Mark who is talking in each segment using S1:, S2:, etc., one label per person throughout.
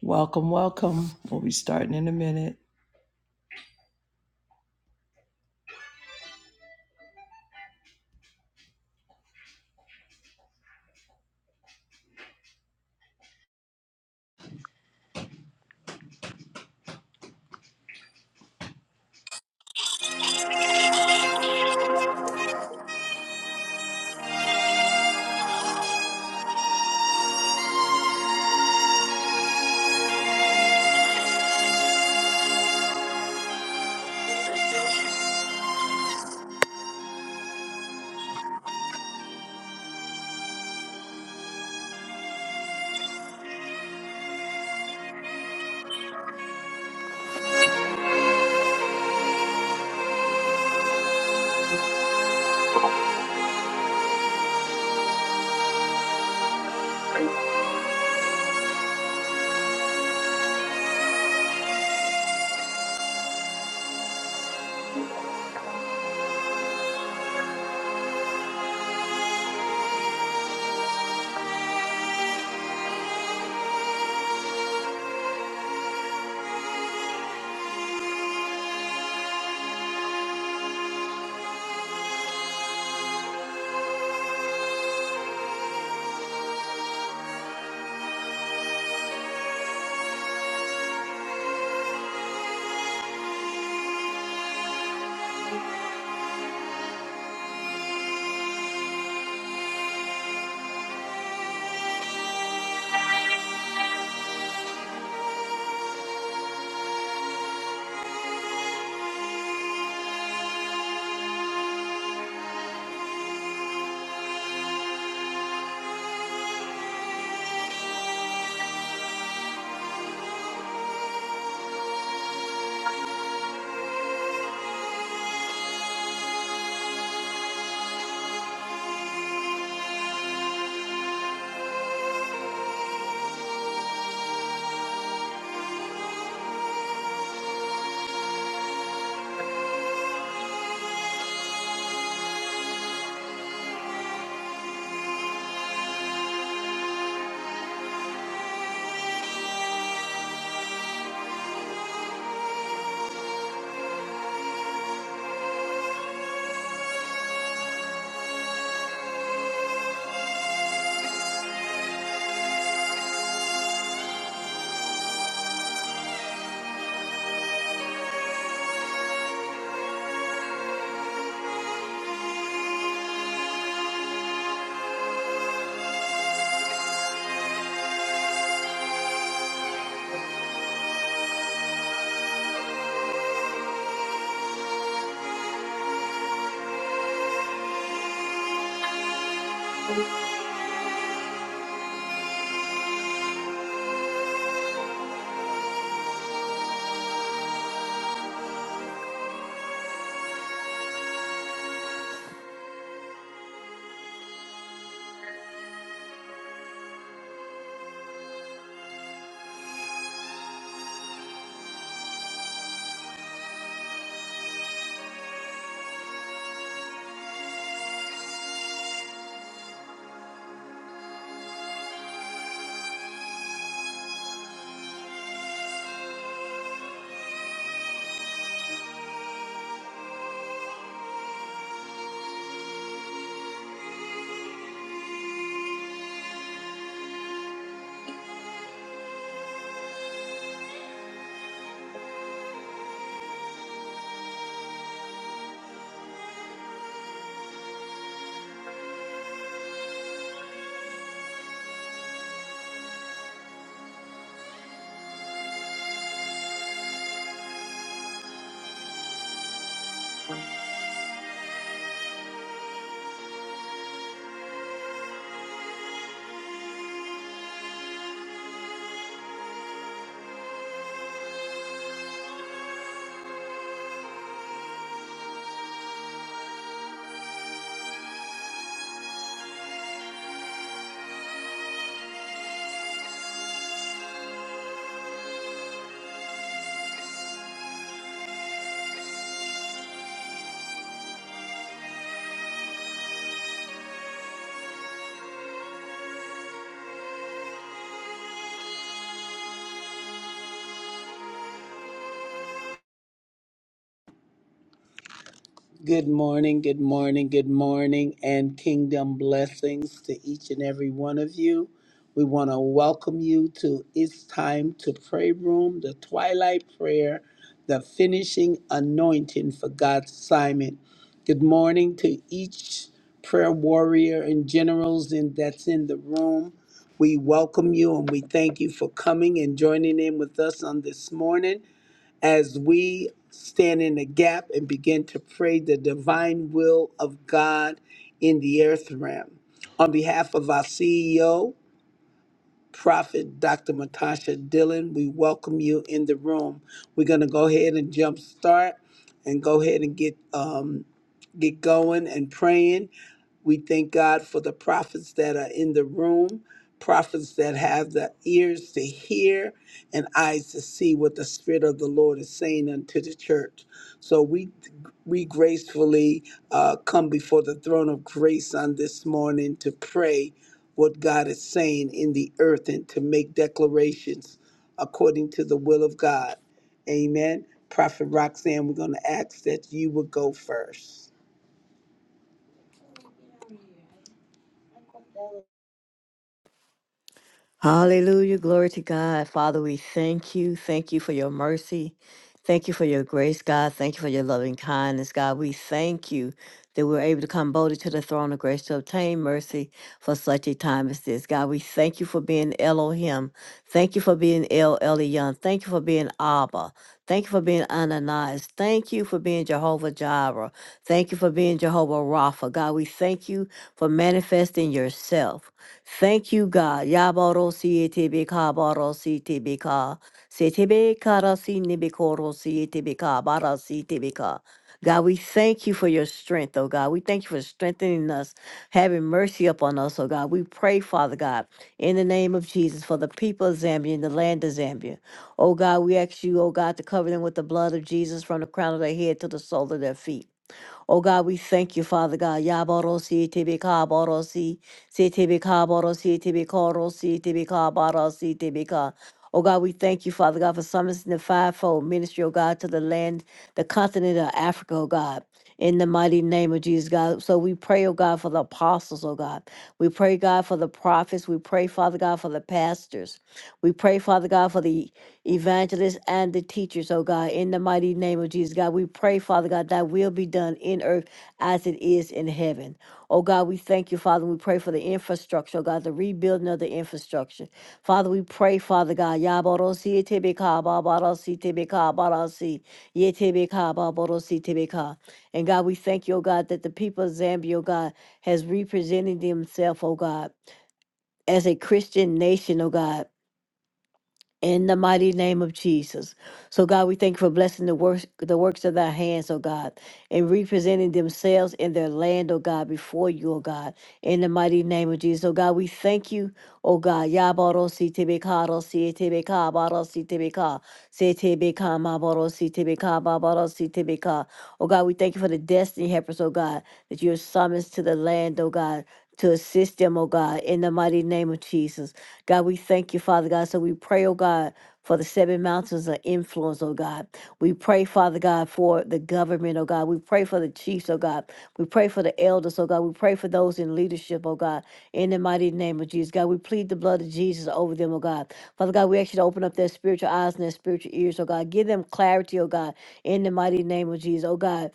S1: Welcome, welcome. We'll be starting in a minute.
S2: Good morning, good morning, good morning, and kingdom blessings to each and every one of you. We want to welcome you to It's Time to Pray Room, the Twilight Prayer, the finishing anointing for God's assignment. Good morning to each prayer warrior and generals in, that's in the room. We welcome you and we thank you for coming and joining in with us on this morning as we stand in the gap and begin to pray the divine will of God in the earth realm. On behalf of our CEO, Prophet Dr. Matasha Dillon, we welcome you in the room. We're going to go ahead and jump start and go ahead and get um, get going and praying. We thank God for the prophets that are in the room, prophets that have the ears to hear and eyes to see what the Spirit of the Lord is saying unto the church. So we we gracefully uh, come before the throne of grace on this morning to pray what God is saying in the earth and to make declarations according to the will of God. Amen. Prophet Roxanne, we're going to ask that you would go first.
S3: Hallelujah. Glory to God. Father, we thank you. Thank you for your mercy. Thank you for your grace, God. Thank you for your loving kindness, God. We thank you that we're able to come boldly to the throne of grace to obtain mercy for such a time as this. God, we thank you for being Elohim. Thank you for being El Elyon. Thank you for being Abba. Thank you for being Ananias. Thank you for being Jehovah Jireh. Thank you for being Jehovah Rapha. God, we thank you for manifesting yourself. Thank you, God. Yaborosi etebeka barosi tebeka. Setebe karasi nebekorosi etebeka barasi tebeka. God, we thank you for your strength, oh God. We thank you for strengthening us, having mercy upon us, oh God. We pray, Father God, in the name of Jesus, for the people of Zambia and the land of Zambia. Oh God, we ask you, oh God, to cover them with the blood of Jesus from the crown of their head to the sole of their feet. Oh God, we thank you, Father God. Yaborosi tibi kaborosi, si tibi kaborosi tibi korosi tibi kabarosi tibi ka. Oh God, we thank you, Father God, for summoning the fivefold ministry, oh God, to the land, the continent of Africa, oh God. In the mighty name of Jesus, God. So we pray, oh God, for the apostles, oh God. We pray, God, for the prophets. We pray, Father God, for the pastors. We pray, Father God, for the evangelists and the teachers, oh God, in the mighty name of Jesus, God. We pray, Father God, that will be done in earth as it is in heaven. Oh God, we thank you, Father. We pray for the infrastructure, oh God, the rebuilding of the infrastructure. Father, we pray, Father God, Yaborosi Tibika Babarosi Tibika Barasi Yetibika Baborosi Tibika. And God, we thank you, oh God, that the people of Zambia, oh God, has represented themselves, oh God, as a Christian nation, oh God in the mighty name of Jesus. So God, we thank you for blessing the works the works of thy hands, oh God, and representing themselves in their land, oh God, before you, oh God, in the mighty name of Jesus. Oh God, we thank you, oh God. Yabarosi tebekarosi tebeka barosi tebeka se tebeka mabarosi tebeka babarosi tebeka. Oh God, we thank you for the destiny helpers, oh God, that you have summoned to the land, oh God. To assist them, oh God, in the mighty name of Jesus. God, we thank you, Father God. So we pray, oh God, for the seven mountains of influence, oh God. We pray, Father God, for the government, oh God. We pray for the chiefs, oh God. We pray for the elders, oh God. We pray for those in leadership, oh God. In the mighty name of Jesus, God, we plead the blood of Jesus over them, oh God. Father God, we ask you to open up their spiritual eyes and their spiritual ears, oh God. Give them clarity, oh God. In the mighty name of Jesus, oh God.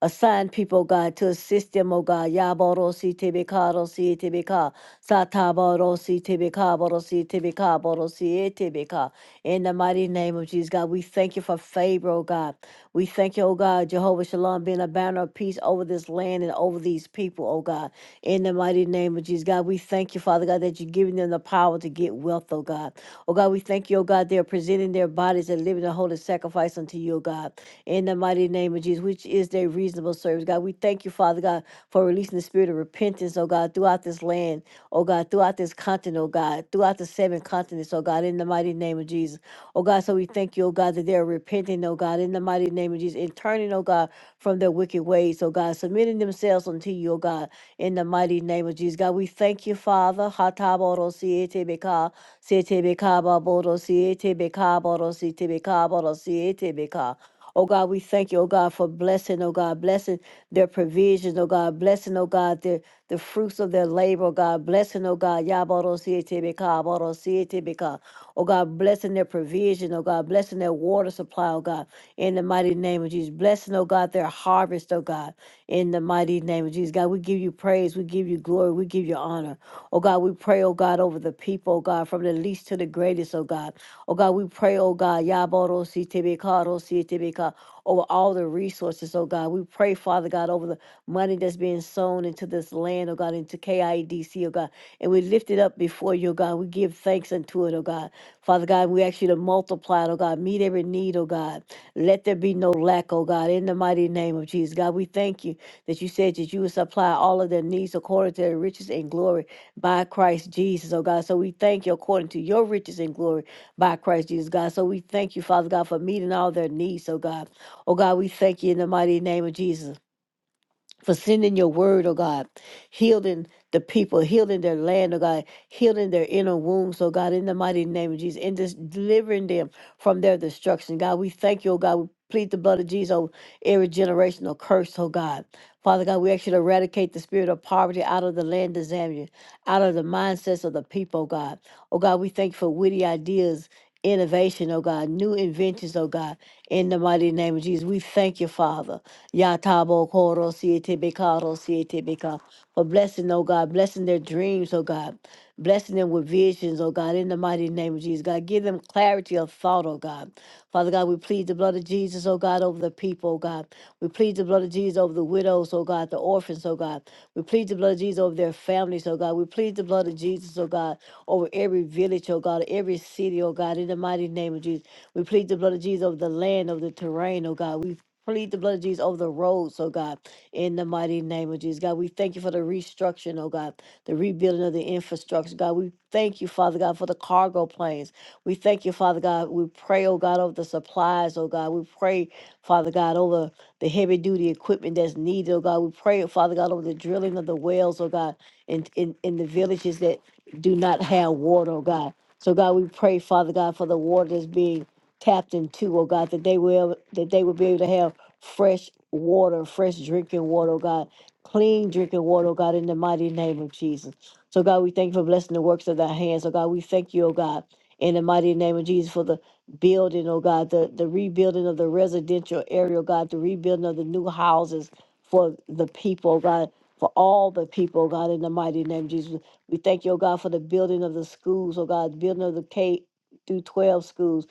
S3: Assign people, God, to assist them, oh God. Yaborosi tibikarosi tibika. sataborosi tibika, borosi tibika, tibikabarosi tibika. In the mighty name of Jesus, God, we thank you for favor, oh God. We thank you, oh God, Jehovah Shalom, being a banner of peace over this land and over these people, oh God. In the mighty name of Jesus, God, we thank you, Father God, that you're giving them the power to get wealth, oh God. Oh God, we thank you, oh God, they're presenting their bodies and living a holy sacrifice unto you, oh God in the mighty name of Jesus, which is their reasonable service. God, we thank you, Father God, for releasing the spirit of repentance, oh God, throughout this land, oh God, throughout this continent, oh God, throughout the seven continents, oh God, in the mighty name of Jesus. Oh God, so we thank you, oh God, that they are repenting, oh God, in the mighty name of Jesus, and turning, oh God, from their wicked ways, oh God, submitting themselves unto you, oh God, in the mighty name of Jesus. God, we thank you, Father. Hataboro siete beka, siete beka baboro siete beka boro siete beka boro siete beka. Oh God, we thank you, oh God, for blessing, oh God, blessing their provisions, oh God, blessing, oh God, their the fruits of their labor, oh God, blessing, oh God, Yabarosietebeka, Abarosietebeka. Oh God, blessing their provision, oh God, blessing their water supply, oh God, in the mighty name of Jesus. Blessing, oh God, their harvest, oh God, in the mighty name of Jesus. God, we give you praise, we give you glory, we give you honor. Oh God, we pray, oh God, over the people, oh God, from the least to the greatest, oh God. Oh God, we pray, oh God, Yaboro Sitibika, Rositibika, over all the resources, oh God. We pray, Father God, over the money that's being sown into this land, oh God, into KIEDC, oh God. And we lift it up before you, oh God. We give thanks unto it, oh God. Father God, we ask you to multiply it, oh God. Meet every need, oh God. Let there be no lack, oh God, in the mighty name of Jesus. God, we thank you that you said that you would supply all of their needs according to their riches and glory by Christ Jesus, oh God. So we thank you according to your riches and glory by Christ Jesus, God. So we thank you, Father God, for meeting all their needs, oh God. Oh God, we thank you in the mighty name of Jesus for sending your word, oh God, healing the people, healing their land, oh God, healing their inner wombs, oh God, in the mighty name of Jesus, and just delivering them from their destruction. God, we thank you, oh God. We plead the blood of Jesus over every generational curse, oh God. Father God, we actually eradicate the spirit of poverty out of the land of Zambia, out of the mindsets of the people, oh God. Oh God, we thank you for witty ideas, innovation, oh God, new inventions, oh God, in the mighty name of Jesus. We thank you, Father. Yatabo Koro Siete Bekaro Siete Beka. For blessing, oh God, blessing their dreams, oh God. Blessing them with visions, oh God, in the mighty name of Jesus. God, give them clarity of thought, oh God. Father God, we plead the blood of Jesus, oh God, over the people, oh God. We plead the blood of Jesus over the widows, oh God, the orphans, oh God. We plead the blood of Jesus over their families, oh God. We plead the blood of Jesus, oh God, over every village, oh God, every city, oh God, in the mighty name of Jesus. We plead the blood of Jesus over the land, over the terrain, oh God. We. Plead the blood of Jesus over the roads, oh God, in the mighty name of Jesus. God, we thank you for the restructuring, oh God, the rebuilding of the infrastructure. God, we thank you, Father God, for the cargo planes. We thank you, Father God. We pray, oh God, over the supplies, oh God. We pray, Father God, over the heavy duty equipment that's needed, oh God. We pray, Father God, over the drilling of the wells, oh God, in, in, in the villages that do not have water, oh God. So God, we pray, Father God, for the water that's being tapped into, oh God, that they will that they will be able to have fresh water, fresh drinking water, oh God, clean drinking water, oh God, in the mighty name of Jesus. So, God, we thank you for blessing the works of thy hands. Oh God, we thank you, oh God, in the mighty name of Jesus for the building, oh God, the, the rebuilding of the residential area, oh God, the rebuilding of the new houses for the people, oh God, for all the people, oh God, in the mighty name of Jesus. We thank you, oh God, for the building of the schools, oh God, the building of the K through 12 schools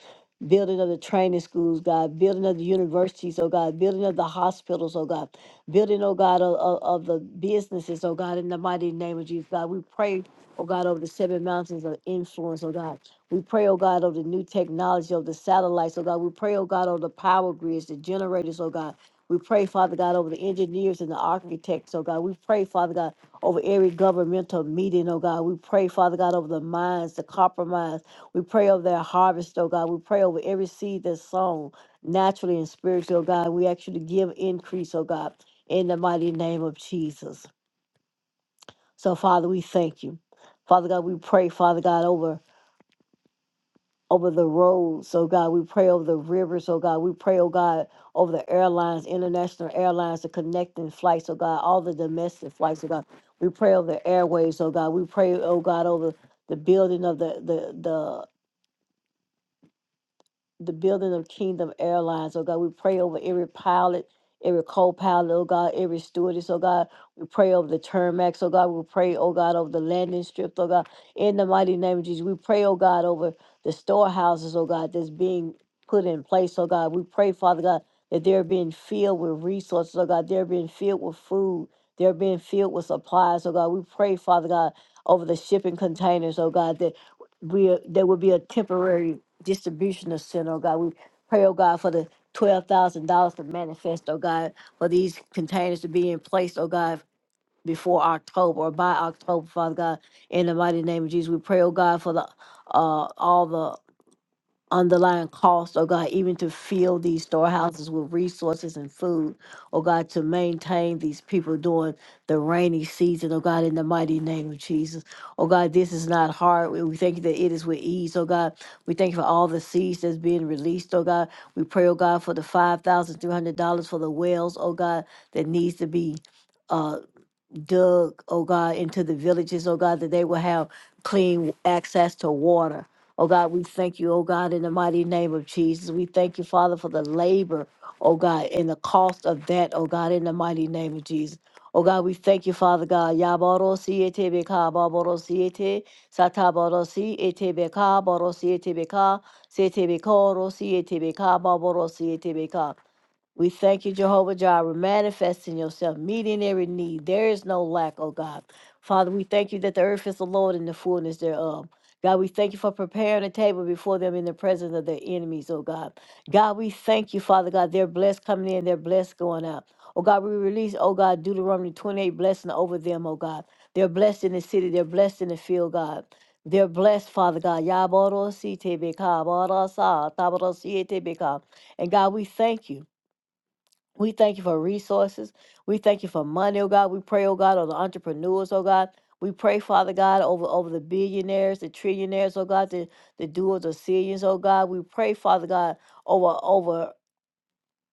S3: building of the training schools, God, building of the universities, oh God, building of the hospitals, oh God, building, oh God, of, of, of the businesses, oh God, in the mighty name of Jesus, God. We pray, oh God, over the seven mountains of influence, oh God. We pray, oh God, over the new technology, of the satellites, oh God. We pray, oh God, over the power grids, the generators, oh God. We pray, Father God, over the engineers and the architects, oh God. We pray, Father God, over every governmental meeting, oh God. We pray, Father God, over the minds, the compromise. We pray over that harvest, oh God. We pray over every seed that's sown naturally and spiritually, oh God. We actually give increase, oh God, in the mighty name of Jesus. So, Father, we thank you. Father God, we pray, Father God, over over the roads, oh God. We pray over the rivers, oh God. We pray, oh God, over the airlines, international airlines, the connecting flights, oh God, all the domestic flights, oh God. We pray over the airways, oh God. We pray, oh God, over the building of the the the the building of Kingdom Airlines. Oh God, we pray over every pilot, every co-pilot, oh God, every stewardess, oh God. We pray over the termax, oh God. We pray, oh God, over the landing strip, oh God. In the mighty name of Jesus, we pray, oh God, over the storehouses, oh God, that's being put in place, oh God. We pray, Father God, that they're being filled with resources, oh God. They're being filled with food. They're being filled with supplies, oh God. We pray, Father God, over the shipping containers, oh God, that we there will be a temporary distribution of sin, oh God. We pray, oh God, for the twelve thousand dollars to manifest, oh God, for these containers to be in place, oh God, before October or by October, Father God. In the mighty name of Jesus, we pray, oh God, for the uh all the underlying cost, oh God, even to fill these storehouses with resources and food, oh God, to maintain these people during the rainy season, oh God, in the mighty name of Jesus. Oh God, this is not hard. We we thank you that it is with ease, oh God. We thank you for all the seeds that's being released, oh God. We pray, oh God, for the $5,300 for the wells, oh God, that needs to be. uh dug, oh God, into the villages, oh God, that they will have clean access to water. Oh God, we thank you, oh God, in the mighty name of Jesus. We thank you, Father, for the labor, oh God, and the cost of that, oh God, in the mighty name of Jesus. Oh God, we thank you, Father God. Yaboro siete beka baboro siete sataboro siete beka boro siete beka siete beka siete beka baboro siete beka. We thank you, Jehovah Jireh, manifesting yourself, meeting every need. There is no lack, oh God. Father, we thank you that the earth is the Lord and the fullness thereof. God, we thank you for preparing a table before them in the presence of their enemies, oh God. God, we thank you, Father God. They're blessed coming in, they're blessed going out. Oh God, we release, oh God, Deuteronomy 28 blessing over them, oh God. They're blessed in the city, they're blessed in the field, God. They're blessed, Father God. Yabarositebeka, barasa, tabarosietebeka. And God, we thank you. We thank you for resources. We thank you for money, oh God. We pray, oh God, over the entrepreneurs, oh God. We pray, Father God, over, over the billionaires, the trillionaires, oh God, the, the doers of zillions, oh God. We pray, Father God, over over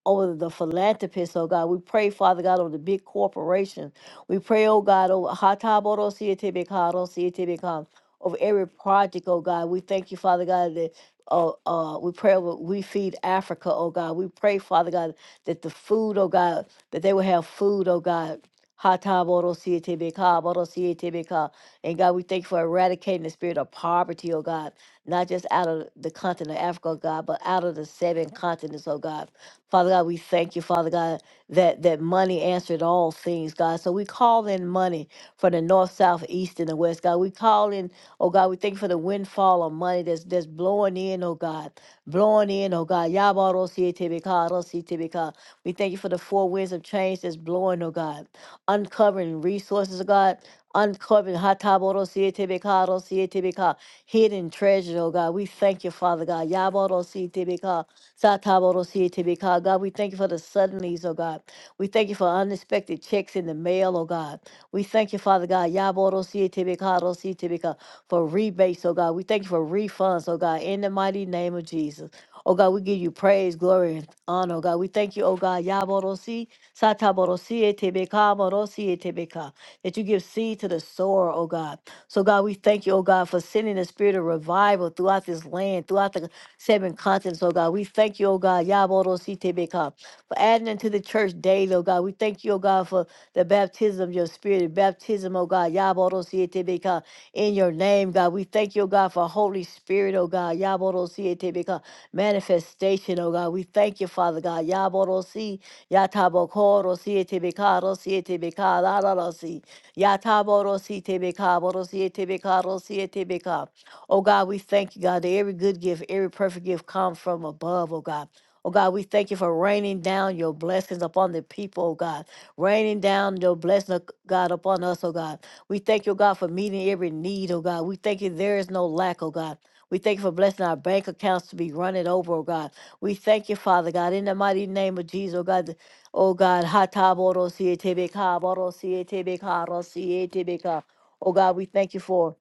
S3: over the philanthropists, oh God. We pray, Father God, over the big corporations. We pray, oh God, over Hataboro Sietibikado Sietibikam, over every project, oh God. We thank you, Father God, that uh, uh, we pray over We Feed Africa, oh God. We pray, Father God, that the food, oh God, that they will have food, oh God. Hataboro Sietibikado Sietibikam. And God, we thank you for eradicating the spirit of poverty, oh God, not just out of the continent of Africa, oh God, but out of the seven continents, oh God. Father God, we thank you, Father God, that, that money answered all things, God. So we call in money for the north, south, east, and the west, God. We call in, oh God, we thank you for the windfall of money that's that's blowing in, oh God. Blowing in, oh God. Yabarosietebeka, rosietebeka. We thank you for the four winds of change that's blowing, oh God. Uncovering resources, oh God. Uncovering hataborosietebeka, rosietebeka. hidden treasure, oh God. We thank you, Father God. Yabarosietebeka, Sataborosietebi, God, God, we thank you for the suddenlies, oh God. We thank you for unexpected checks in the mail, oh God. We thank you, Father God, Yaborosietebi, Karosietebi, God, for rebates, oh God. We thank you for refunds, oh God, in the mighty name of Jesus. Oh God, we give you praise, glory, and honor, oh God. We thank you, oh God, Yaborosi, Sataborosietebi, Kaborosietebi, God, that you give seed to the sower, oh God. So God, we thank you, oh God, for sending the spirit of revival throughout this land, throughout the seven continents, oh God. We thank you, oh God, Yabodo Sitebeka, for adding into the church daily, oh God. We thank you, oh God, for the baptism of your spirit, baptism, oh God, Yabodo Sitebeka, in your name, God. We thank you, oh God, for Holy Spirit, oh God, Yabodo Sitebeka, manifestation, oh God. We thank you, Father God, Yabodo Si, Yatabokoro Sitebeka, Rositebeka, Ladalosi, Yataboro Sitebeka, Borositebeka, Rositebeka. Oh God, we thank you, God, that every good gift, every perfect gift comes from above, oh God. Oh God, we thank you for raining down your blessings upon the people, oh God. Raining down your blessing, oh God, upon us, oh God. We thank you, oh God, for meeting every need, oh God. We thank you there is no lack, oh God. We thank you for blessing our bank accounts to be running over, oh God. We thank you, Father God, in the mighty name of Jesus, oh God. that- Oh God, Hataboro Sietebeka, Boro Sietebeka, Ro Sietebeka. Oh God, we thank you for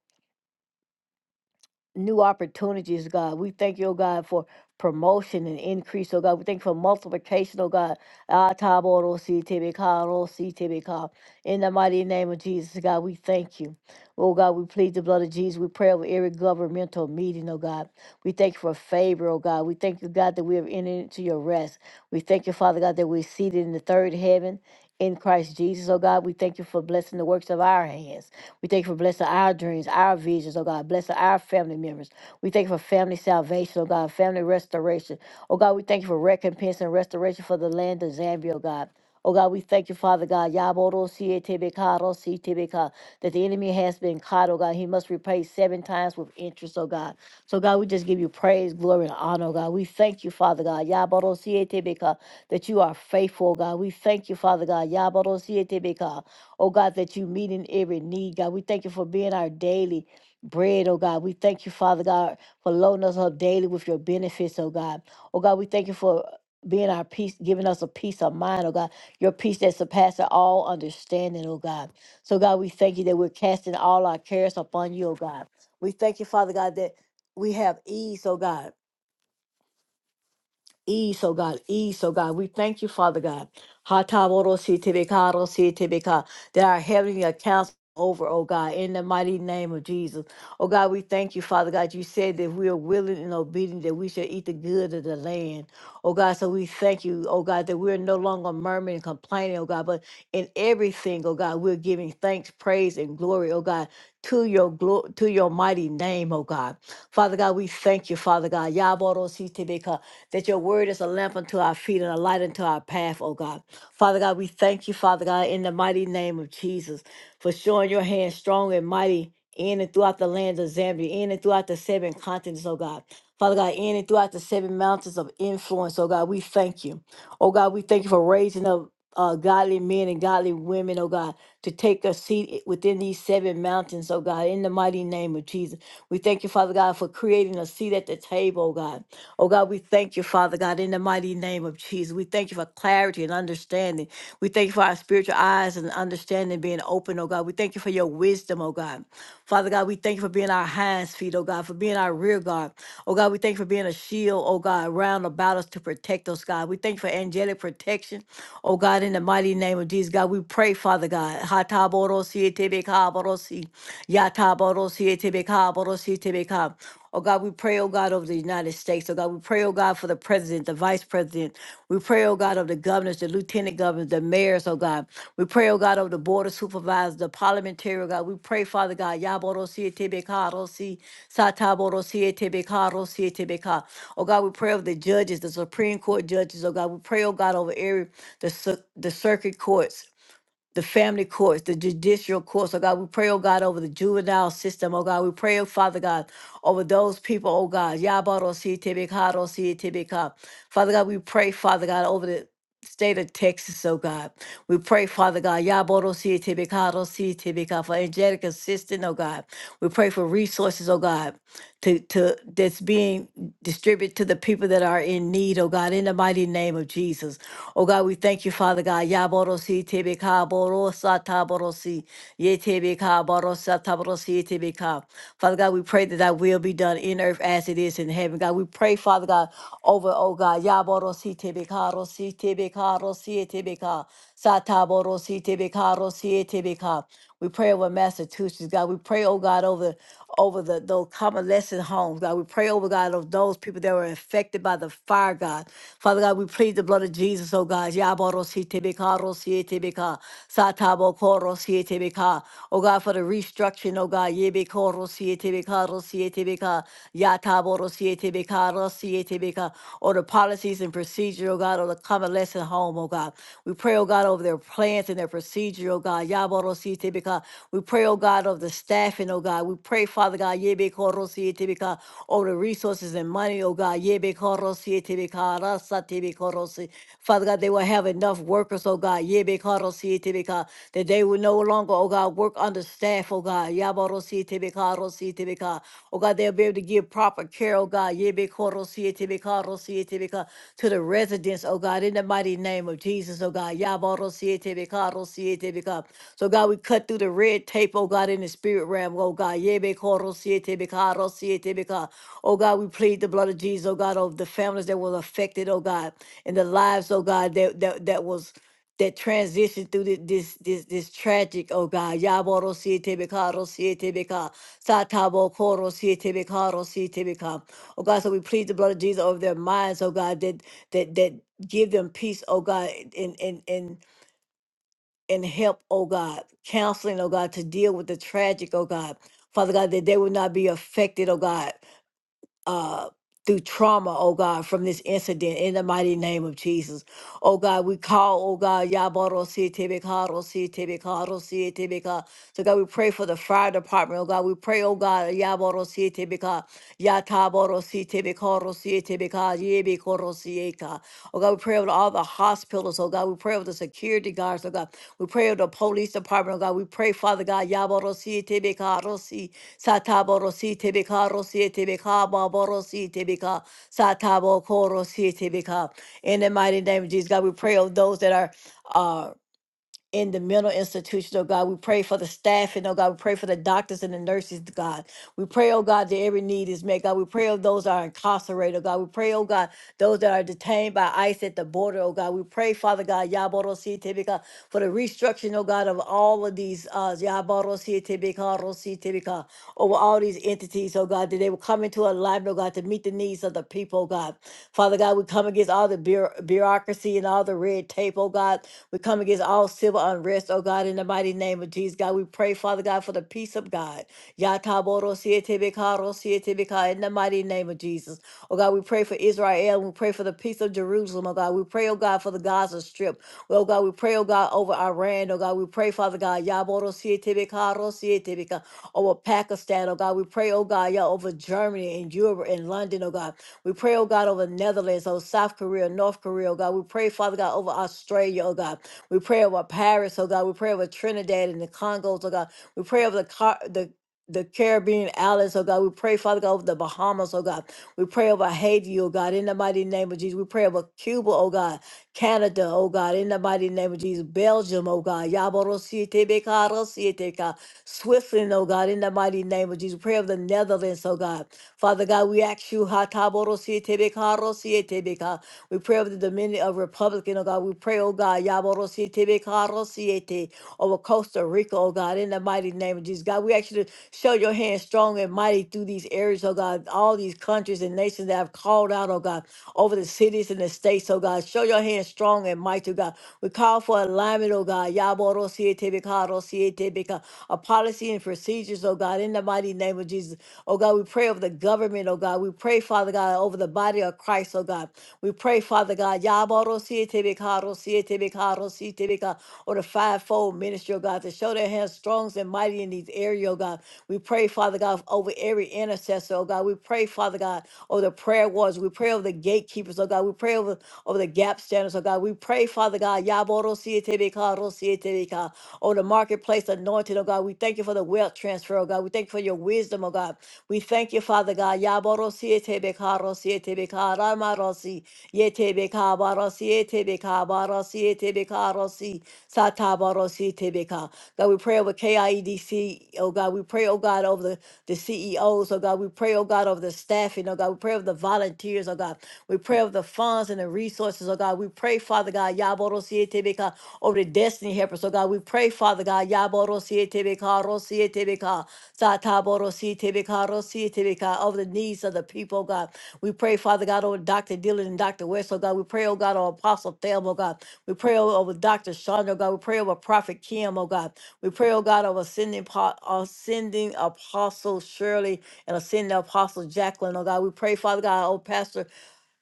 S3: new opportunities, God. We thank you, oh God, for promotion and increase, oh God. We thank you for multiplication, oh God. Ah, taboro si tebe ka, ro si tebe ka. In the mighty name of Jesus, God, we thank you. Oh God, we plead the blood of Jesus. We pray over every governmental meeting, oh God. We thank you for favor, oh God. We thank you, God, that we have entered into your rest. We thank you, Father God, that we're seated in the third heaven in Christ Jesus, oh God. We thank you for blessing the works of our hands. We thank you for blessing our dreams, our visions, oh God. Blessing our family members. We thank you for family salvation, oh God, family restoration. Oh God, we thank you for recompense and restoration for the land of Zambia, oh God. Oh God, we thank you, Father God. Yaboro sietebekaro sietebeka, That the enemy has been caught, oh God. He must repay seven times with interest, oh God. So God, we just give you praise, glory, and honor, oh God. We thank you, Father God. Yaboro sietebeka, That you are faithful, oh God. We thank you, Father God. Yaboro sietebeka, Oh God, that you meet in every need, God. We thank you for being our daily bread, oh God. We thank you, Father God, for loading us up daily with your benefits, oh God. Oh God, we thank you for being our peace, giving us a peace of mind, oh God, your peace that surpasses all understanding, oh God. So, God, we thank you that we're casting all our cares upon you, oh God. We thank you, Father God, that we have ease, oh God ease, oh God, ease, oh God. We thank you, Father God. Hatawarositebekaarositebeka, That our heavenly accounts over, oh God, in the mighty name of Jesus. Oh God, we thank you, Father God. You said that we are willing and obedient that we shall eat the good of the land. Oh God, so we thank you, oh God, that we're no longer murmuring and complaining, oh God, but in everything, oh God, we're giving thanks, praise, and glory, oh God, to your glo- to your mighty name, oh God. Father God, we thank you, Father God. Yabarositebeka, that your word is a lamp unto our feet and a light unto our path, oh God. Father God, we thank you, Father God, in the mighty name of Jesus, for showing your hand strong and mighty in and throughout the lands of Zambia, in and throughout the seven continents, oh God. Father God, in and throughout the seven mountains of influence, oh God, we thank you. Oh God, we thank you for raising up uh, godly men and godly women, oh God, to take a seat i- within these seven mountains, oh God, in the mighty name of Jesus. We thank you, Father God, for creating a seat at the table, oh God. Oh God, we thank you, Father God, in the mighty name of Jesus. We thank you for clarity and understanding. We thank you for our spiritual eyes and understanding being open, oh God. We thank you for your wisdom, oh God. Father God, we thank you for being our hands, feet, oh God, for being our rear guard. Oh God, we thank you for being a shield, oh God, round about us to protect us, God. We thank you for angelic protection, oh God, in the mighty name of Jesus. God, we pray, Father God. Hataboro sietebe kaboro si. Yataboro sietebe kaboro sietebe kab. Oh God, we pray, oh God, over the United States. Oh God, we pray, oh God, for the president, the vice president. We pray, oh God, of the governors, the lieutenant governors, the mayors, oh God. We pray, oh God, over the board of supervisors, the parliamentary, oh God. We pray, Father God, Yabodosietebekarosi, Satabodosietebekarosi, Oh God, we pray over the judges, the Supreme Court judges, oh God. We pray, oh God, over every the, cir- the circuit courts the family courts, the judicial courts, oh God, we pray, oh God, over the juvenile system, oh God, we pray, oh Father God, over those people, oh God, Yabarositibikatorositibika. Father God, we pray, Father God, over the state of Texas, oh God. We pray, Father God, Yabarositibikatorositibika, for angelic assistance, oh God. We pray for resources, oh God to to that's being distributed to the people that are in need, oh God, in the mighty name of Jesus. Oh God, we thank you, Father God. Yaborosi tebeka borosa taborosi. Yetebeka borosa taborosi tebeka. Father God, we pray that thy will be done in earth as it is in heaven. God, we pray, Father God, over, oh God, Yaborosi tebeka rosi tebeka rosi tebeka. Sataborositibikarosioitibika. We pray over Massachusetts, God. We pray, oh God, over over the those convalescent homes, God. We pray over God of those people that were affected by the fire, God. Father God, we plead the blood of Jesus, oh God. Yaborositibikarosioitibika. Satabokorosietibika. Oh God, for the restructuring, oh God. Yebikorosietibikarosioitibika. Yataborosietibika. TBK, CATBK, or the policies and procedure, oh God, or the convalescent home, oh God. We pray, oh God, over their plans and their procedure, oh God. Yaboro CATBK. We pray, oh God, over the staffing, oh God. We pray, Father God, Yebekoro CATBK, over the resources and money, oh God. Yebekoro CATBK, Rasa TBKoro si. Father God, they will have enough workers, oh God. Yebekoro CATBK, that they will no longer, oh God. God, work on the staff, oh God. Yabarosi Tibika, Rosi Tibika. Oh God, they'll be able to give proper care, oh God. Yebekorosi Tibika, Rosi Tibika, to the residents, oh God, in the mighty name of Jesus, oh God. Yabarosi Tibika, Rosi Tibika. So God, we cut through the red tape, oh God, in the spirit realm, oh God. Yebekorosi Tibika, Rosi Tibika. Oh God, we plead the blood of Jesus, oh God, over the families that were affected, oh God, and the lives, oh God, that that, that was that transition through thi- this this this tragic, oh God, Yaboro Siete Bikaro Siete Bika, Satabo Koro Siete Bikaro Siete Bika. Oh God, so we plead the blood of Jesus over their minds, oh God, that that that give them peace, oh God, and and and and help, oh God, counseling, oh God, to deal with the tragic, oh God. Father God, that they will not be affected, oh God uh, through trauma, oh God, from this incident in the mighty name of Jesus. Oh God, we call, oh God, Yaboro Si Tebekaro Si Tebekaro Si Tebeka. So God, we pray for the fire department, oh God. We pray, oh God, Yaboro Si Tebeka, Yataboro Si Tebekaro Si Tebeka, Yebekoro Si Eka. Oh God, we pray over all the hospitals, oh God. We pray over the security guards, oh God. We pray over the police department, oh God. We pray, Father God, Yaboro Si Tebekaro Si. Sataborosi tebeka rosi tebeka baborosi tebeka satabokorosi tebeka. In the mighty name of Jesus, God, we pray of those that are. uh in the mental institution, oh God. We pray for the staff, and oh God. We pray for the doctors and the nurses, God. We pray, oh God, that every need is met, God. We pray of those that are incarcerated, oh God. We pray, oh God, those that are detained by ICE at the border, oh God. We pray, Father God, Yaboro Tibika, for the restructuring, oh God, of all of these uh Yaboro Tibika, Rosi Tibika, over all these entities, oh God, that they will come into alignment, oh God, to meet the needs of the people, oh God. Father God, we come against all the bureaucracy bureaucracy and all the red tape, oh God. We come against all civil unrest, oh God, in the mighty name of Jesus, God. We pray, Father God, for the peace of God. Yataboro sietebeka, ro sietebeka, in the mighty name of Jesus. Oh God, we pray for Israel. We pray for the peace of Jerusalem, oh God. We pray, oh God, for the Gaza Strip. Well, Oh God, we pray, oh God, over Iran, oh God. We pray, Father God, Yaboro sietebeka, ro sietebeka, over Pakistan, oh God. We pray, oh God, yeah, over Germany and Europe and London, oh God. We pray, oh God, over Netherlands, oh South Korea, North Korea, oh God. We pray, Father God, over Australia, oh God. We pray over Paris, oh God. We pray over Trinidad and the Congos, oh God. We pray over the car the the Caribbean islands, oh God. We pray, Father God, over the Bahamas, oh God. We pray over Haiti, oh God, in the mighty name of Jesus. We pray over Cuba, oh God, Canada, oh God, in the mighty name of Jesus. Belgium, oh God, Yaborosietebeka, Switzerland, oh God, in the mighty name of Jesus. We pray over the Netherlands, oh God. Father God, we ask you, Hataborosietebeka, Rosietebeka. we pray over the Dominion of Republican, oh God. We pray, oh God, Yaborosietebeka, Rosiete, over Costa Rica, oh God, in the mighty name of Jesus. God, we ask you to show your hand strong and mighty mighty through these areas, oh God, all these countries and nations that have called out, oh God, over the cities and the states, oh God. Show your hand strong and mighty, oh God. We call for alignment, oh God. Yaboro siete bekaro siete beka. A policy and procedures, oh God, in the mighty name of Jesus. Oh God, we pray over the government, oh God. We pray, Father God, over the body of Christ, oh God. We pray, Father God, Yaboro siete bekaro siete bekaro siete beka. Or the fivefold ministry, oh God, to show their hands strong and mighty mighty in these areas, oh God. We pray, Father God, over every intercessor, oh God. We pray, Father God, over the prayer wards. We pray over the gatekeepers, oh God. We pray over, over the gap standards, oh God. We pray, Father God, Yaboro Sietebeka, Rosietebeka, over the marketplace anointed, oh God. We thank you for the wealth transfer, oh God. We thank you for your wisdom, oh God. We thank you, Father God. Yaboro Sietebeka, Rosietebeka, Ramarosi, Yetebeka, Barosietebeka, Barosietebeka, Rosi, Tebeka. God, we pray over KIEDC. Oh God, we pray, oh God, over the, the CEOs. Oh God, we pray, oh God, over the staffing. Oh God, we pray over the volunteers. Oh God, we pray over the funds and the resources. Oh God, we pray, Father God, Yaboro Tebeka, over the destiny helpers. Oh God, we pray, Father God, Yaboro Tebeka, Rosie Tebeka, Sataboro Tebeka, Rosie Tebeka, over the needs of the people, oh God. We pray, Father God, over Dr. Dillon and Dr. West. Oh God, we pray, oh God, over Apostle Thelma, oh God. We pray o- over Dr. Shonda, oh God. We pray over Prophet Kim, oh God. We pray, oh God, over sending, po- uh, sending Apostle Shirley and ascending Apostle Jacqueline, oh God. We pray, Father God, oh Pastor.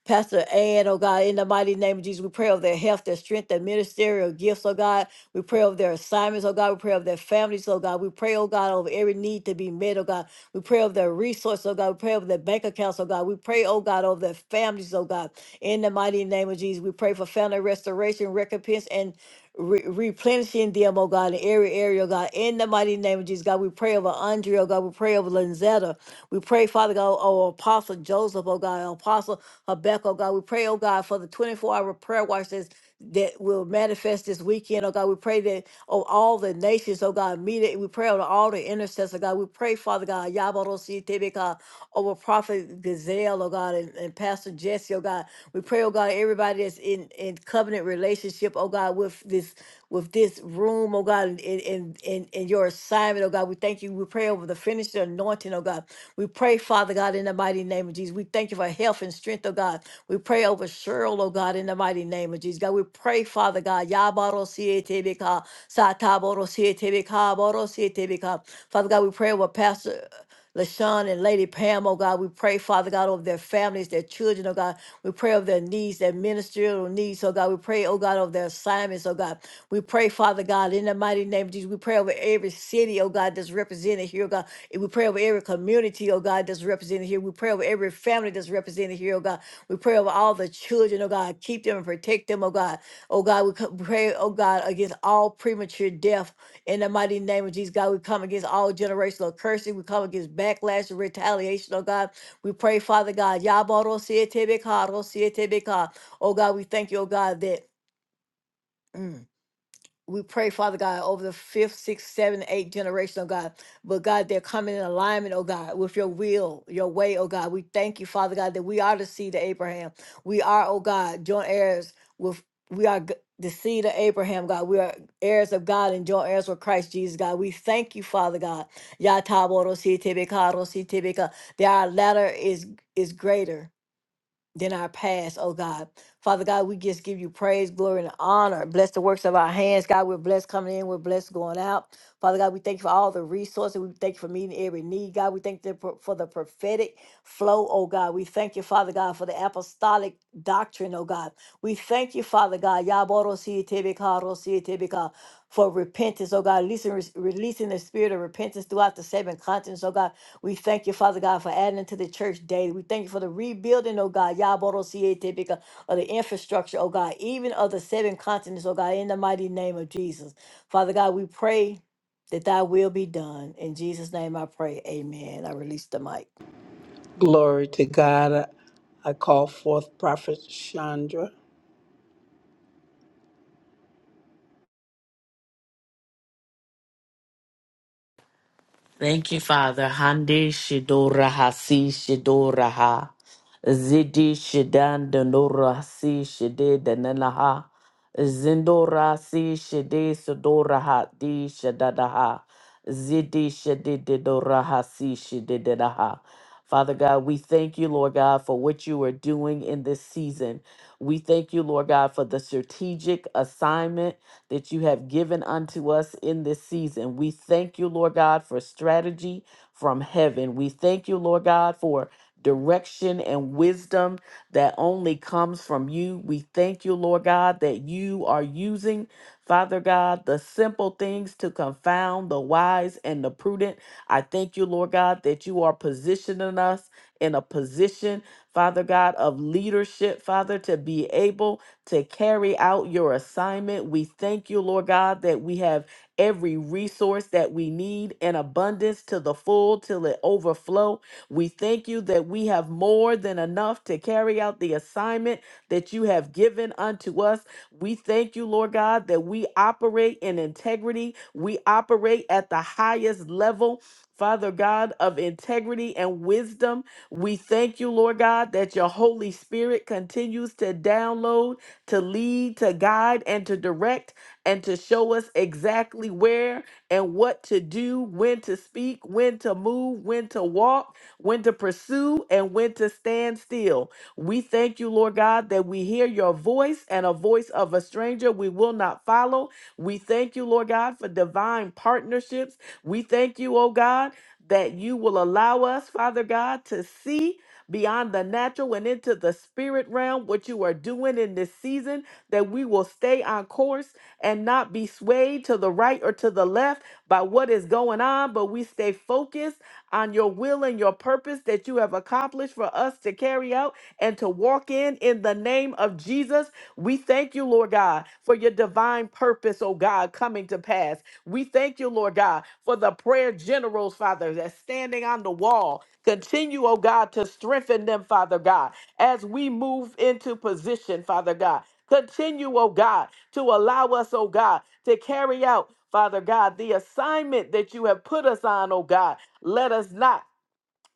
S3: Pastor Ann, oh God, in the mighty name of Jesus, we pray over their health, their strength, their ministerial gifts, oh God. We pray over their assignments, oh God. We pray over their families, oh God. We pray, oh God, over every need to be met, oh God. We pray over their resources, oh God. We pray over their bank accounts, oh God. We pray, oh God, over their families, oh God. In the mighty name of Jesus, we pray for family restoration, recompense, and re- replenishing them, oh God, in every area, oh God. In the mighty name of Jesus, God, we pray over Andrea, oh God. We pray over Lanzetta. We pray, Father God, over Apostle Joseph, oh God, Apostle Habakkuk, oh God. We pray, oh God, for the 24 hour prayer watch that's, that will manifest this weekend, oh God. We pray that over all the nations, oh God, meet it. We pray over all the intercessors, oh God. We pray, Father God, Yabarosi Tebeka, over Prophet Gazelle, oh God, and, and Pastor Jesse bless you, oh God. We pray, oh God, everybody that's in, in covenant relationship, oh God, with this with this room, oh God, and in in in your assignment, oh God. We thank you. We pray over the finished anointing, oh God. We pray, Father God, in the mighty name of Jesus. We thank you for health and strength, oh God. We pray over Cheryl, oh God, in the mighty name of Jesus. God, we pray, Father God. Yabaro Sietebeka, Sataboro Sietebeka, Boro Sietebeka. Father God, we pray over Pastor. LaShawn and Lady Pam, oh God. We pray, Father God, over their families, their children, oh God. We pray over their needs, their ministerial needs, oh God. We pray, oh God, over their assignments, oh God. We pray, Father God, in the mighty name of Jesus. We pray over every city, oh God, that's represented here, oh God. And we pray over every community, oh God. God, that's represented here. We pray over every family that's represented here, oh God. We pray over all the children, oh God. Keep them and protect them, oh God. Oh God, we co- pray, oh God, against all premature death in the mighty name of Jesus, God. We come against all generational cursing. We come against backlash and retaliation, oh God. We pray, Father God. Yabaro siete beka, siete beka. Oh God, we thank you, oh God, that. mm, we pray, Father God, over the fifth, sixth, seventh, eighth generation, oh God. But God, they're coming in alignment, oh God, with your will, your way, oh God. We thank you, Father God, that we are the seed of Abraham. We are, oh God, joint heirs with, we are g- the seed of Abraham, God. We are heirs of God and joint heirs with Christ Jesus, God. We thank you, Father God. Ya ta bo ro si te be ka ro si te be ka. That our ladder is is greater than our past, oh God. Father God, we just give you praise, glory, and honor. Bless the works of our hands. God, we're blessed coming in, we're blessed going out. Father God, we thank you for all the resources. We thank you for meeting every need. God, we thank you for for the prophetic flow, oh God. We thank you, Father God, for the apostolic doctrine, oh God. We thank you, Father God, Yaborosiyetebeka, rosiyetebeka, for repentance, oh God, releasing, releasing the spirit of repentance throughout the seven continents, oh God. We thank you, Father God, for adding to the church daily. We thank you for the rebuilding, oh God, Yaboro Siete, because of the infrastructure, oh God, even of the seven continents, oh God, in the mighty name of Jesus. Father God, we pray that thy will be done. In Jesus' name I pray. Amen. I release the mic.
S2: Glory to God. I I call forth Prophet Chandra.
S4: Thank you, Father. Hande Shidora Hasi Shidora Ha. Zidi Shidan Danora Hasi Shide Dananaha. Zindora Si Shide Sodora Ha Di Shadadaha. Zidi Shide Didora Hasi Shide Dadaha. Father God, we thank you, Lord God, for what you are doing in this season. We thank you, Lord God, for the strategic assignment that you have given unto us in this season. We thank you, Lord God, for strategy from heaven. We thank you, Lord God, for direction and wisdom that only comes from you. We thank you, Lord God, that you are using, Father God, the simple things to confound the wise and the prudent. I thank you, Lord God, that you are positioning us in a position, Father God, of leadership, Father, to be able to carry out your assignment. We thank you, Lord God, that we have every resource that we need in abundance to the full till it overflow. We thank you that we have more than enough to carry out the assignment that you have given unto us. We thank you, Lord God, that we operate in integrity. We operate at the highest level, Father God, of integrity and wisdom. We thank you, Lord God, that your Holy Spirit continues to download to lead, to guide, and to direct, and to show us exactly where and what to do, when to speak, when to move, when to walk, when to pursue, and when to stand still. We thank you, Lord God, that we hear your voice and a voice of a stranger we will not follow. We thank you, Lord God, for divine partnerships. We thank you, oh God, that you will allow us, Father God, to see beyond the natural and into the spirit realm, what you are doing in this season, that we will stay on course and not be swayed to the right or to the left by what is going on, but we stay focused on your will and your purpose that you have accomplished for us to carry out and to walk in in the name of Jesus. We thank you, Lord God, for your divine purpose, oh God, coming to pass. We thank you, Lord God, for the prayer generals, Father, that's standing on the wall Continue, oh God, to strengthen them, Father God, as we move into position, Father God. Continue, oh God, to allow us, oh God, to carry out, Father God, the assignment that you have put us on, oh God. Let us not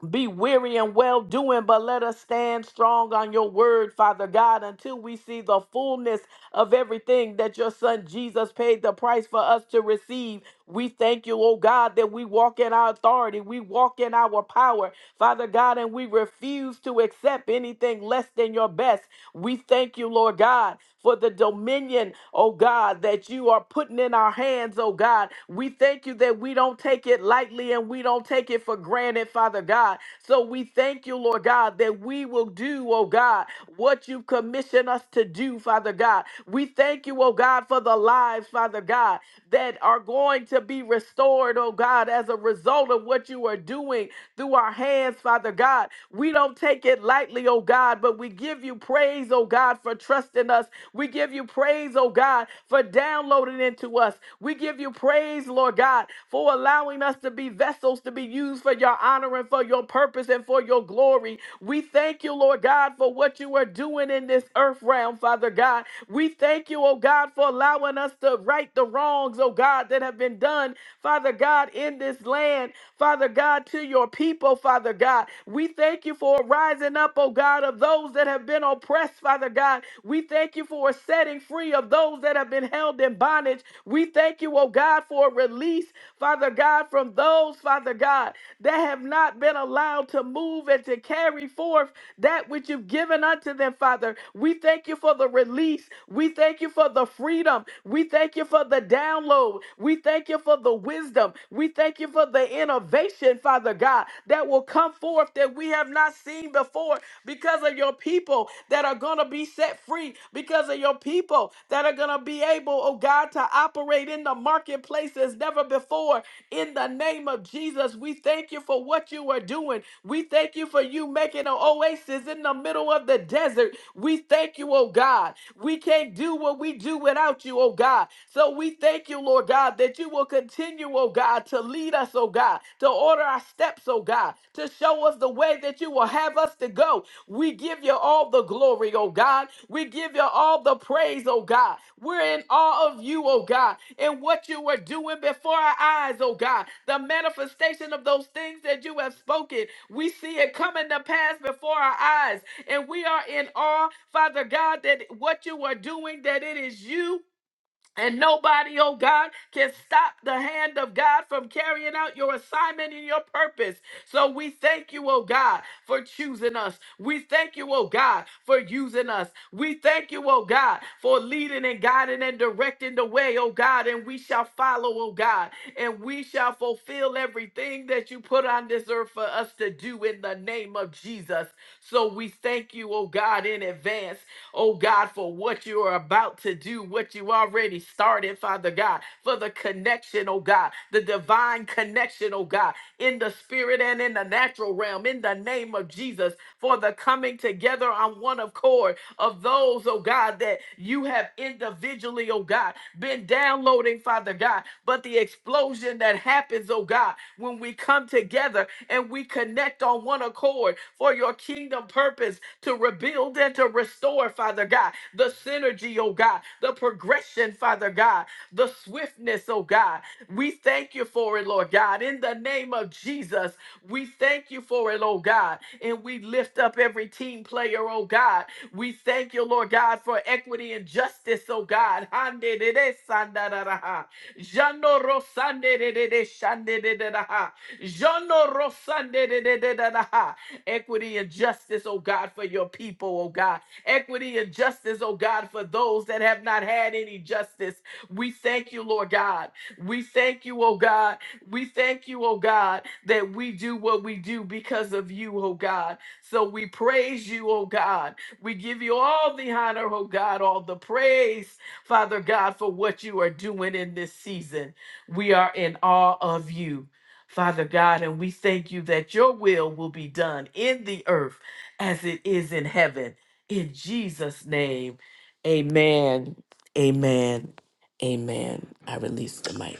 S4: be weary in well doing, but let us stand strong on your word, Father God, until we see the fullness of everything that your son Jesus paid the price for us to receive. We thank you, oh God, that we walk in our authority, we walk in our power, Father God, and we refuse to accept anything less than your best. We thank you, Lord God, for the dominion, oh God, that you are putting in our hands, oh God. We thank you that we don't take it lightly and we don't take it for granted, Father God. So we thank you, Lord God, that we will do, oh God, what you commission us to do, Father God. We thank you, oh God, for the lives, Father God, that are going to be restored, oh God, as a result of what you are doing through our hands, Father God. We don't take it lightly, oh God, but we give you you praise, oh God, for trusting us. We give you praise, oh God, for downloading into us. We give you praise, Lord God, for allowing us to be vessels to be used for your honor and for your purpose and for your glory. We thank you, Lord God, for what you are doing in this earth realm, Father God. We thank you, oh God, for allowing us to right the wrongs, oh God, that have been done, Father God, in this land, Father God, to your people, Father God. We thank you for a rising up, oh God, of those, that have been oppressed, Father God. We thank you for a setting free of those that have been held in bondage. We thank you, oh God, for a release, Father God, from those, Father God, that have not been allowed to move and to carry forth that which you've given unto them, Father. We thank you for the release. We thank you for the freedom. We thank you for the download. We thank you for the wisdom. We thank you for the innovation, Father God, that will come forth that we have not seen before because because of your people that are going to be set free, because of your people that are going to be able, oh God, to operate in the marketplace as never before. In the name of Jesus, we thank you for what you are doing. We thank you for you making an oasis in the middle of the desert. We thank you, oh God. We can't do what we do without you, oh God. So we thank you, Lord God, that you will continue, oh God, to lead us, oh God, to order our steps, oh God, to show us the way that you will have us to go we give you all the glory, oh God. We give you all the praise, oh God. We're in awe of you, oh God, and what you were doing before our eyes, oh God. The manifestation of those things that you have spoken, we see it coming to pass before our eyes. And we are in awe, Father God, that what you are doing, that it is you and nobody, oh God, can stop the hand of God from carrying out your assignment and your purpose. So we thank you, oh God, for choosing us. We thank you, oh God, for using us. We thank you, oh God, for leading and guiding and directing the way, oh God, and we shall follow, oh God, and we shall fulfill everything that you put on this earth for us to do in the name of Jesus. So we thank you, oh God, in advance oh God, for what you are about to do, what you already started, Father God, for the connection, oh God, the divine connection, oh God, in the spirit and in the natural realm, in the name of Jesus, for the coming together on one accord of those, oh God, that you have individually, oh God, been downloading, Father God, but the explosion that happens, oh God, when we come together and we connect on one accord for your kingdom purpose to rebuild and to restore, Father God, the synergy, oh God, the progression, Father God, the swiftness, oh God. We thank you for it, Lord God. In the name of Jesus, we thank you for it, oh God. And we lift up every team player, oh God, we thank you, Lord God, for equity and justice, oh God. Hande de de sanda da da ha. Jano ro sande de de de shande de de da ha. Jano ro sande de de de da da ha. Equity and justice, oh God, for your people, oh God. Equity and justice, oh God, for those that have not had any justice. We thank you, Lord God. We thank you, oh God. We thank you, oh God, that we do what we do because of you, oh God. So we praise you, oh God. We give you all the honor, oh God, all the praise, Father God, for what you are doing in this season. We are in awe of you. Father God, and we thank you that your will will be done in the earth as it is in heaven. In Jesus' name, amen. Amen. Amen. I release the mic.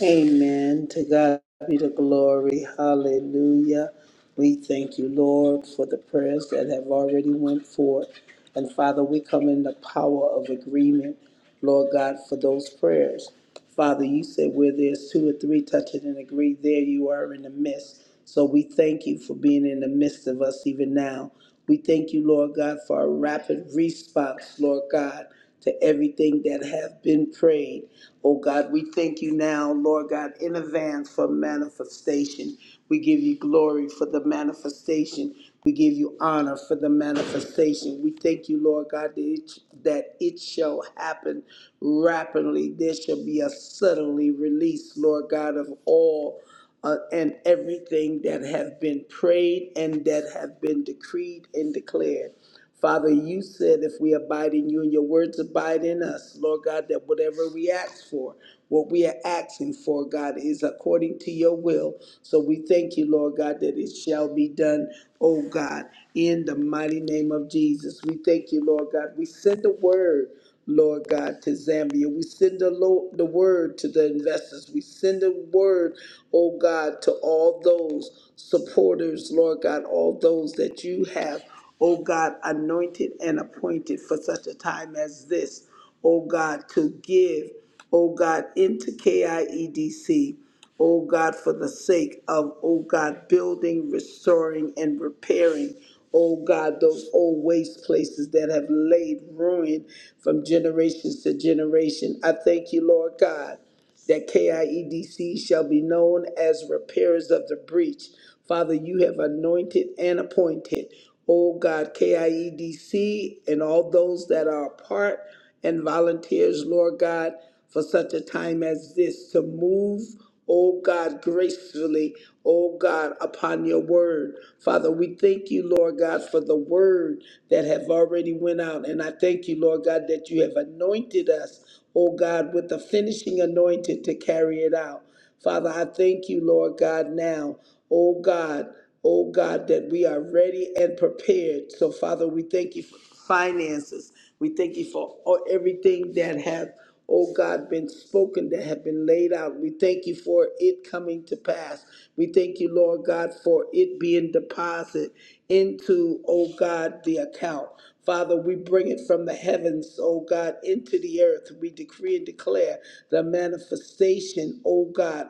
S2: Amen. To God be the glory. Hallelujah. We thank you, Lord, for the prayers that have already went forth. And Father, we come in the power of agreement, Lord God, for those prayers. Father, you said where there's two or three touching and agree, there you are in the midst. So we thank you for being in the midst of us even now. We thank you, Lord God, for a rapid response, Lord God, to everything that have been prayed. Oh God, we thank you now, Lord God, in advance for manifestation. We give you glory for the manifestation. We give you honor for the manifestation. We thank you, Lord God, that it, that it shall happen rapidly. There shall be a suddenly release, Lord God, of all uh, and everything that have been prayed and that have been decreed and declared. Father, you said if we abide in you and your words abide in us, Lord God, that whatever we ask for, what we are asking for, God, is according to your will. So we thank you, Lord God, that it shall be done, oh God, in the mighty name of Jesus. We thank you, Lord God. We send the word. Lord God, to Zambia. We send the, lo- the word to the investors. We send the word, oh God, to all those supporters, Lord God, all those that you have. O God, anointed and appointed for such a time as this, O God, to give, O God, into KIEDC, O God, for the sake of, O God, building, restoring, and repairing. O God, those old waste places that have laid ruin from generations to generation. I thank you, Lord God that KIEDC shall be known as repairers of the breach. Father, you have anointed and appointed, oh God, KIEDC and all those that are a part and volunteers, Lord God, for such a time as this to move oh God, gracefully, oh God, upon your word. Father, we thank you, Lord God, for the word that have already went out. And I thank you, Lord God, that you have anointed us, oh God, with the finishing anointing to carry it out. Father, I thank you, Lord God, now, oh God, oh God, that we are ready and prepared. So, Father, we thank you for finances. We thank you for all, everything that have, oh God, been spoken, that have been laid out. We thank you for it coming to pass. We thank you, Lord God, for it being deposited into, oh God, the account. Father, we bring it from the heavens, O God, into the earth. We decree and declare the manifestation, O God.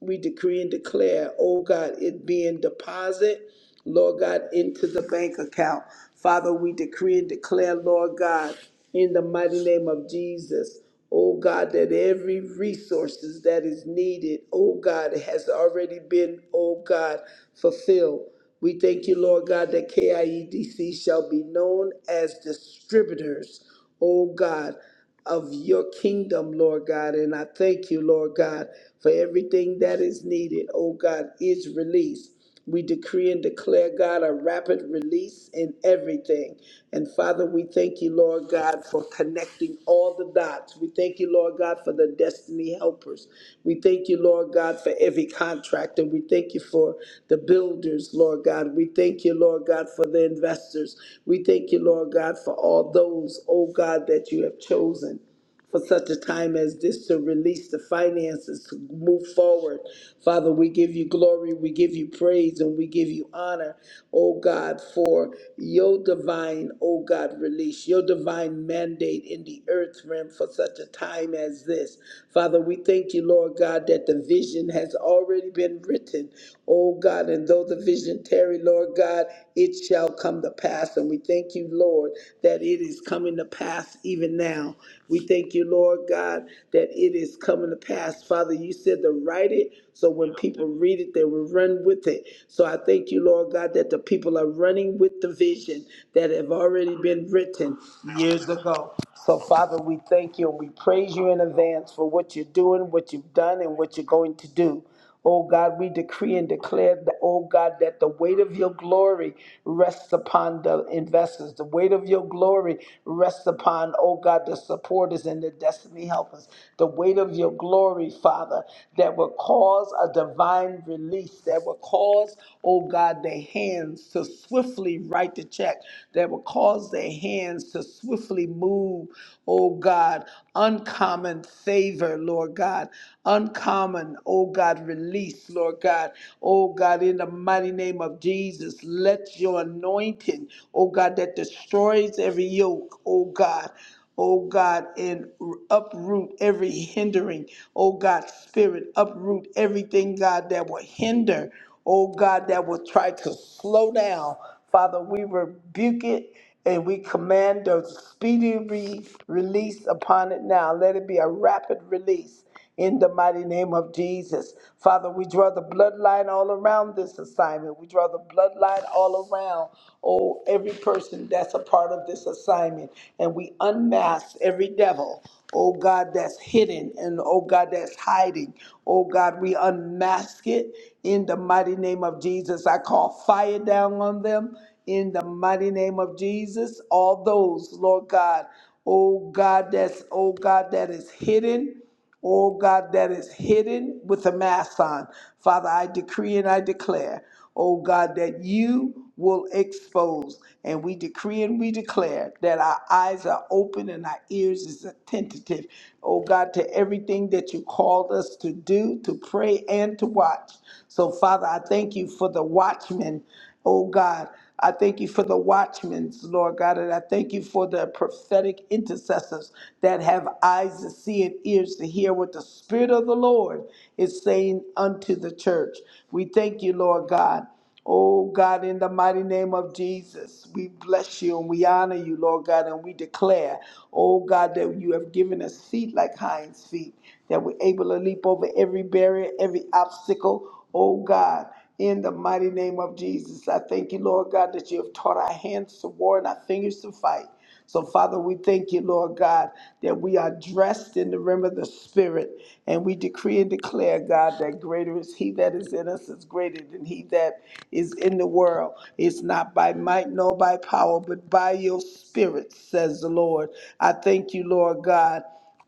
S2: We decree and declare, O God, it being deposited. Lord God, into the bank account. Father, we decree and declare, Lord God, in the mighty name of Jesus, oh God, that every resources that is needed, oh God, has already been, oh God, fulfilled. We thank you, Lord God, that KIEDC shall be known as distributors oh God, of your kingdom, Lord God. And I thank you, Lord God, for everything that is needed, oh God, is released. We decree and declare, God, a rapid release in everything. And Father, we thank you, Lord God, for connecting connecting all the dots. We thank you, Lord God, for the destiny helpers. We thank you, Lord God, for every contractor. We thank you for the builders, Lord God. We thank you, Lord God, for the investors. We thank you, Lord God, for all those, oh God, that you have chosen for such a time as this to release the finances to move forward. Father, we give you glory, we give you praise, and we give you honor, oh God, for your divine, oh God, release, your divine mandate in the earth realm for such a time as this. Father, we thank you, Lord God, that the vision has already been written, oh God, and though the vision tarry, Lord God, it shall come to pass. And we thank you, Lord, that it is coming to pass even now. We thank you, Lord God, that it is coming to pass. Father, you said to write it so when people read it, they will run with it. So I thank you, Lord God, that the people are running with the vision that have already been written years ago. So, Father, we thank you and we praise you in advance for what you're doing, what you've done, and what you're going to do. Oh God, we decree and declare that, oh God, that the weight of your glory rests upon the investors. The weight of your glory rests upon, oh God, the supporters and the destiny helpers. The weight of your glory, Father, that will cause a divine release, that will cause, oh God, their hands to swiftly write the check, that will cause their hands to swiftly move, oh God, uncommon favor, Lord God uncommon, oh God, release, Lord God. Oh God, in the mighty name of Jesus, let your anointing, oh God, that destroys every yoke, oh God. Oh God, and uproot every hindering, oh God, spirit, uproot everything, God, that will hinder, oh God, that will try to slow down. Father, we rebuke it and we command a speedy re- release upon it now. Let it be a rapid release in the mighty name of Jesus. Father, we draw the bloodline all around this assignment. We draw the bloodline all around, oh, every person that's a part of this assignment. And we unmask every devil, oh God, that's hidden and oh God, that's hiding. Oh God, we unmask it in the mighty name of Jesus. I call fire down on them in the mighty name of Jesus. All those, Lord God, oh God, that's, oh God, that is hidden oh God, that is hidden with a mask on. Father, I decree and I declare, oh God, that you will expose. And we decree and we declare that our eyes are open and our ears is attentive, oh God, to everything that you called us to do, to pray and to watch. So, Father, I thank you for the watchmen, oh God. I thank you for the watchmen, Lord God, and I thank you for the prophetic intercessors that have eyes to see and ears to hear what the Spirit of the Lord is saying unto the church. We thank you, Lord God. Oh God, in the mighty name of Jesus, we bless you and we honor you, Lord God, and we declare, oh God, that you have given us feet like hinds feet, that we're able to leap over every barrier, every obstacle, oh God. In the mighty name of Jesus, I thank you, Lord God, that you have taught our hands to war and our fingers to fight. So, Father, we thank you, Lord God, that we are dressed in the rim of the Spirit. And we decree and declare, God, that greater is He that is in us is greater than He that is in the world. It's not by might nor by power, but by your Spirit, says the Lord. I thank you, Lord God.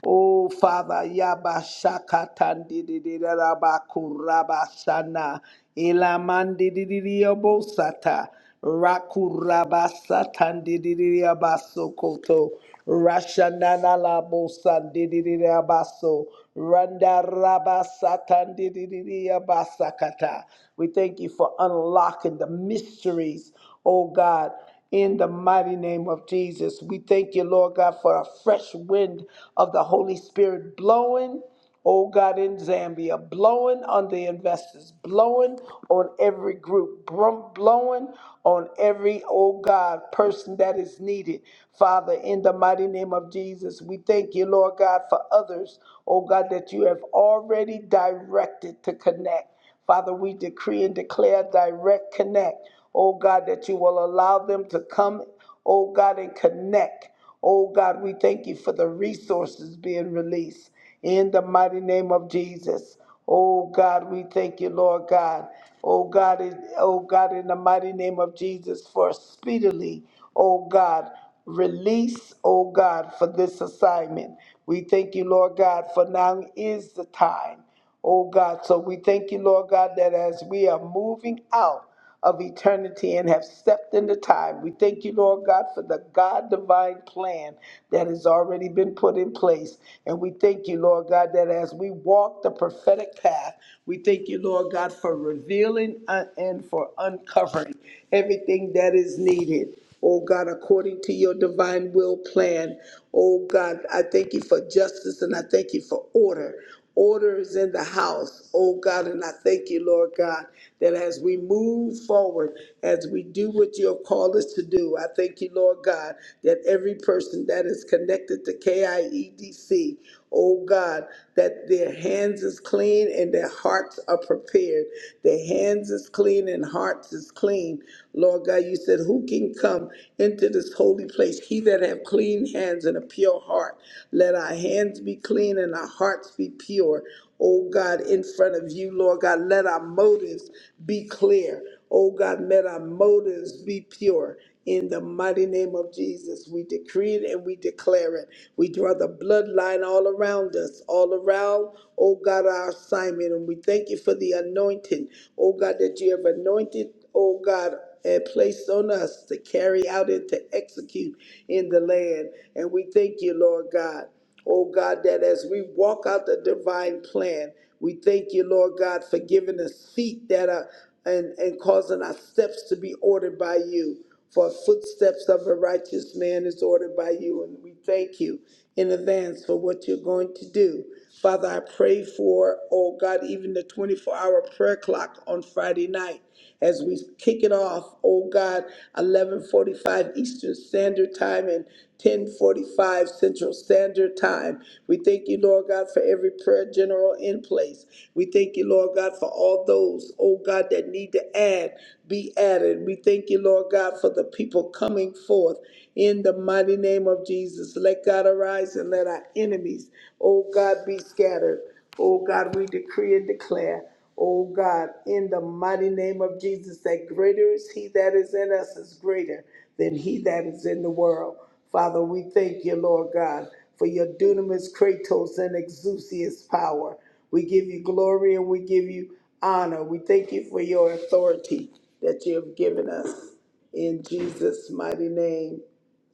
S2: Oh, Father, Yabashakatandidirabakurabasanna, Ilamandidiriabosata, Rakurabasatandidiriabasokoto, Rashananalabosandidiriabaso, Randarabasatandidiriabasakata. We thank you for unlocking the mysteries, oh God in the mighty name of Jesus. We thank you, Lord God, for a fresh wind of the Holy Spirit blowing. Oh God, in Zambia, blowing on the investors, blowing on every group, brum- blowing on every, oh God, person that is needed. Father, in the mighty name of Jesus, we thank you, Lord God, for others, oh God, that you have already directed to connect. Father, we decree and declare direct connect. Oh God, that you will allow them to come, oh God, and connect. Oh God, we thank you for the resources being released in the mighty name of Jesus. Oh God, we thank you, Lord God. Oh God, in- oh God, in the mighty name of Jesus, for speedily, oh God, release, oh God, for this assignment. We thank you, Lord God, for now is the time. Oh God, so we thank you, Lord God, that as we are moving out of eternity and have stepped into time, we thank you, Lord God, for the God divine plan that has already been put in place. And we thank you, Lord God, that as we walk the prophetic path, we thank you, Lord God, for revealing uh, and for uncovering everything that is needed oh God, according to your divine will plan. Oh God, I thank you for justice and I thank you for order. Order is in the house, oh God, and I thank you, Lord God, that as we move forward, as we do what you have called us to do, I thank you, Lord God, that every person that is connected to KIEDC, oh God, that their hands is clean and their hearts are prepared. Their hands is clean and hearts is clean. Lord God, you said, who can come into this holy place? He that have clean hands and a pure heart. Let our hands be clean and our hearts be pure. Oh God, in front of you, Lord God, let our motives be clear. Oh God, let our motives be pure. In the mighty name of Jesus, we decree it and we declare it. We draw the bloodline all around us, all around, oh God, our assignment. And we thank you for the anointing, oh God, that you have anointed, oh God, and placed on us to carry out and to execute in the land. And we thank you, Lord God. Oh God, that as we walk out the divine plan, we thank you, Lord God, for giving us feet that are and, and causing our steps to be ordered by you. For footsteps of a righteous man is ordered by you. And we thank you in advance for what you're going to do. Father, I pray for, oh God, even the 24 hour prayer clock on Friday night as we kick it off, oh God, 11:45 Eastern Standard Time and 10:45 Central Standard Time. We thank you, Lord God, for every prayer general in place. We thank you, Lord God, for all those, oh God, that need to add, be added. We thank you, Lord God, for the people coming forth in the mighty name of of Jesus. Let God arise and let our enemies, oh God, be scattered. Oh God, we decree and declare, oh God, in the mighty name of Jesus, that greater is He that is in us is greater than He that is in the world. Father, we thank you, Lord God, for your dunamis, kratos, and exousias power. We give you glory and we give you honor. We thank you for your authority that you have given us. In Jesus' mighty name,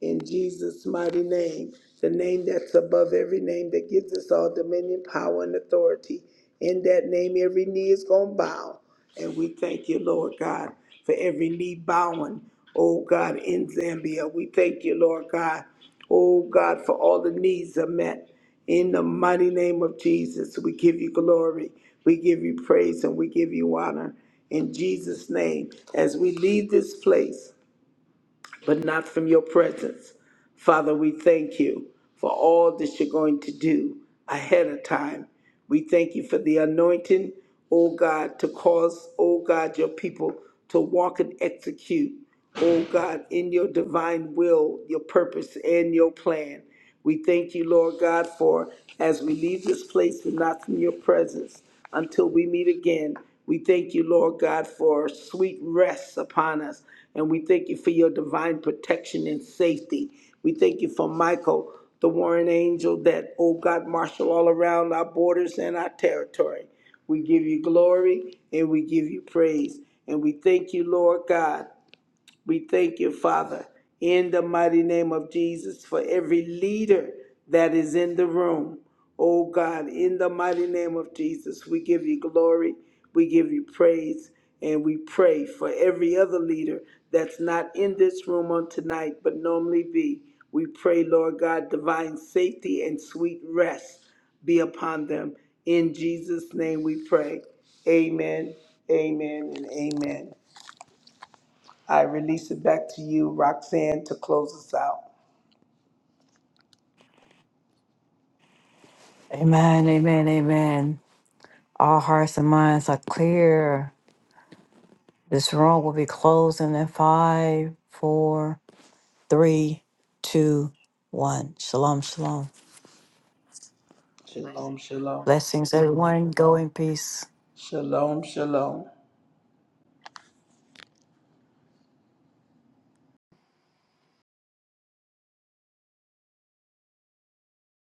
S2: in Jesus' mighty name, the name that's above every name that gives us all dominion, power, and authority. In that name, every knee is going to bow. And we thank you, Lord God, for every knee bowing, oh God, in Zambia. We thank you, Lord God, oh God, for all the needs are met. In the mighty name of Jesus, we give you glory, we give you praise, and we give you honor. In Jesus' name, as we leave this place, but not from your presence. Father, we thank you for all that you're going to do ahead of time. We thank you for the anointing, oh God, to cause, oh God, your people to walk and execute, oh God, in your divine will, your purpose, and your plan. We thank you, Lord God, for as we leave this place and not from your presence until we meet again. We thank you, Lord God, for sweet rest upon us. And we thank you for your divine protection and safety. We thank you for Michael, the warring angel that, oh God, marshal all around our borders and our territory. We give you glory and we give you praise. And we thank you, Lord God, we thank you, Father, in the mighty name of Jesus, for every leader that is in the room. Oh God, in the mighty name of Jesus, we give you glory, we give you praise, and we pray for every other leader that's not in this room on tonight, but normally be. We pray, Lord God, divine safety and sweet rest be upon them. In Jesus' name we pray. Amen, amen, and amen. I release it back to you, Roxanne, to close us out.
S3: Amen, amen, amen. All hearts and minds are clear. This room will be closing in five, four, three, two, one. Shalom, shalom.
S2: Shalom, shalom.
S3: Blessings, everyone. Go in peace.
S2: Shalom, shalom.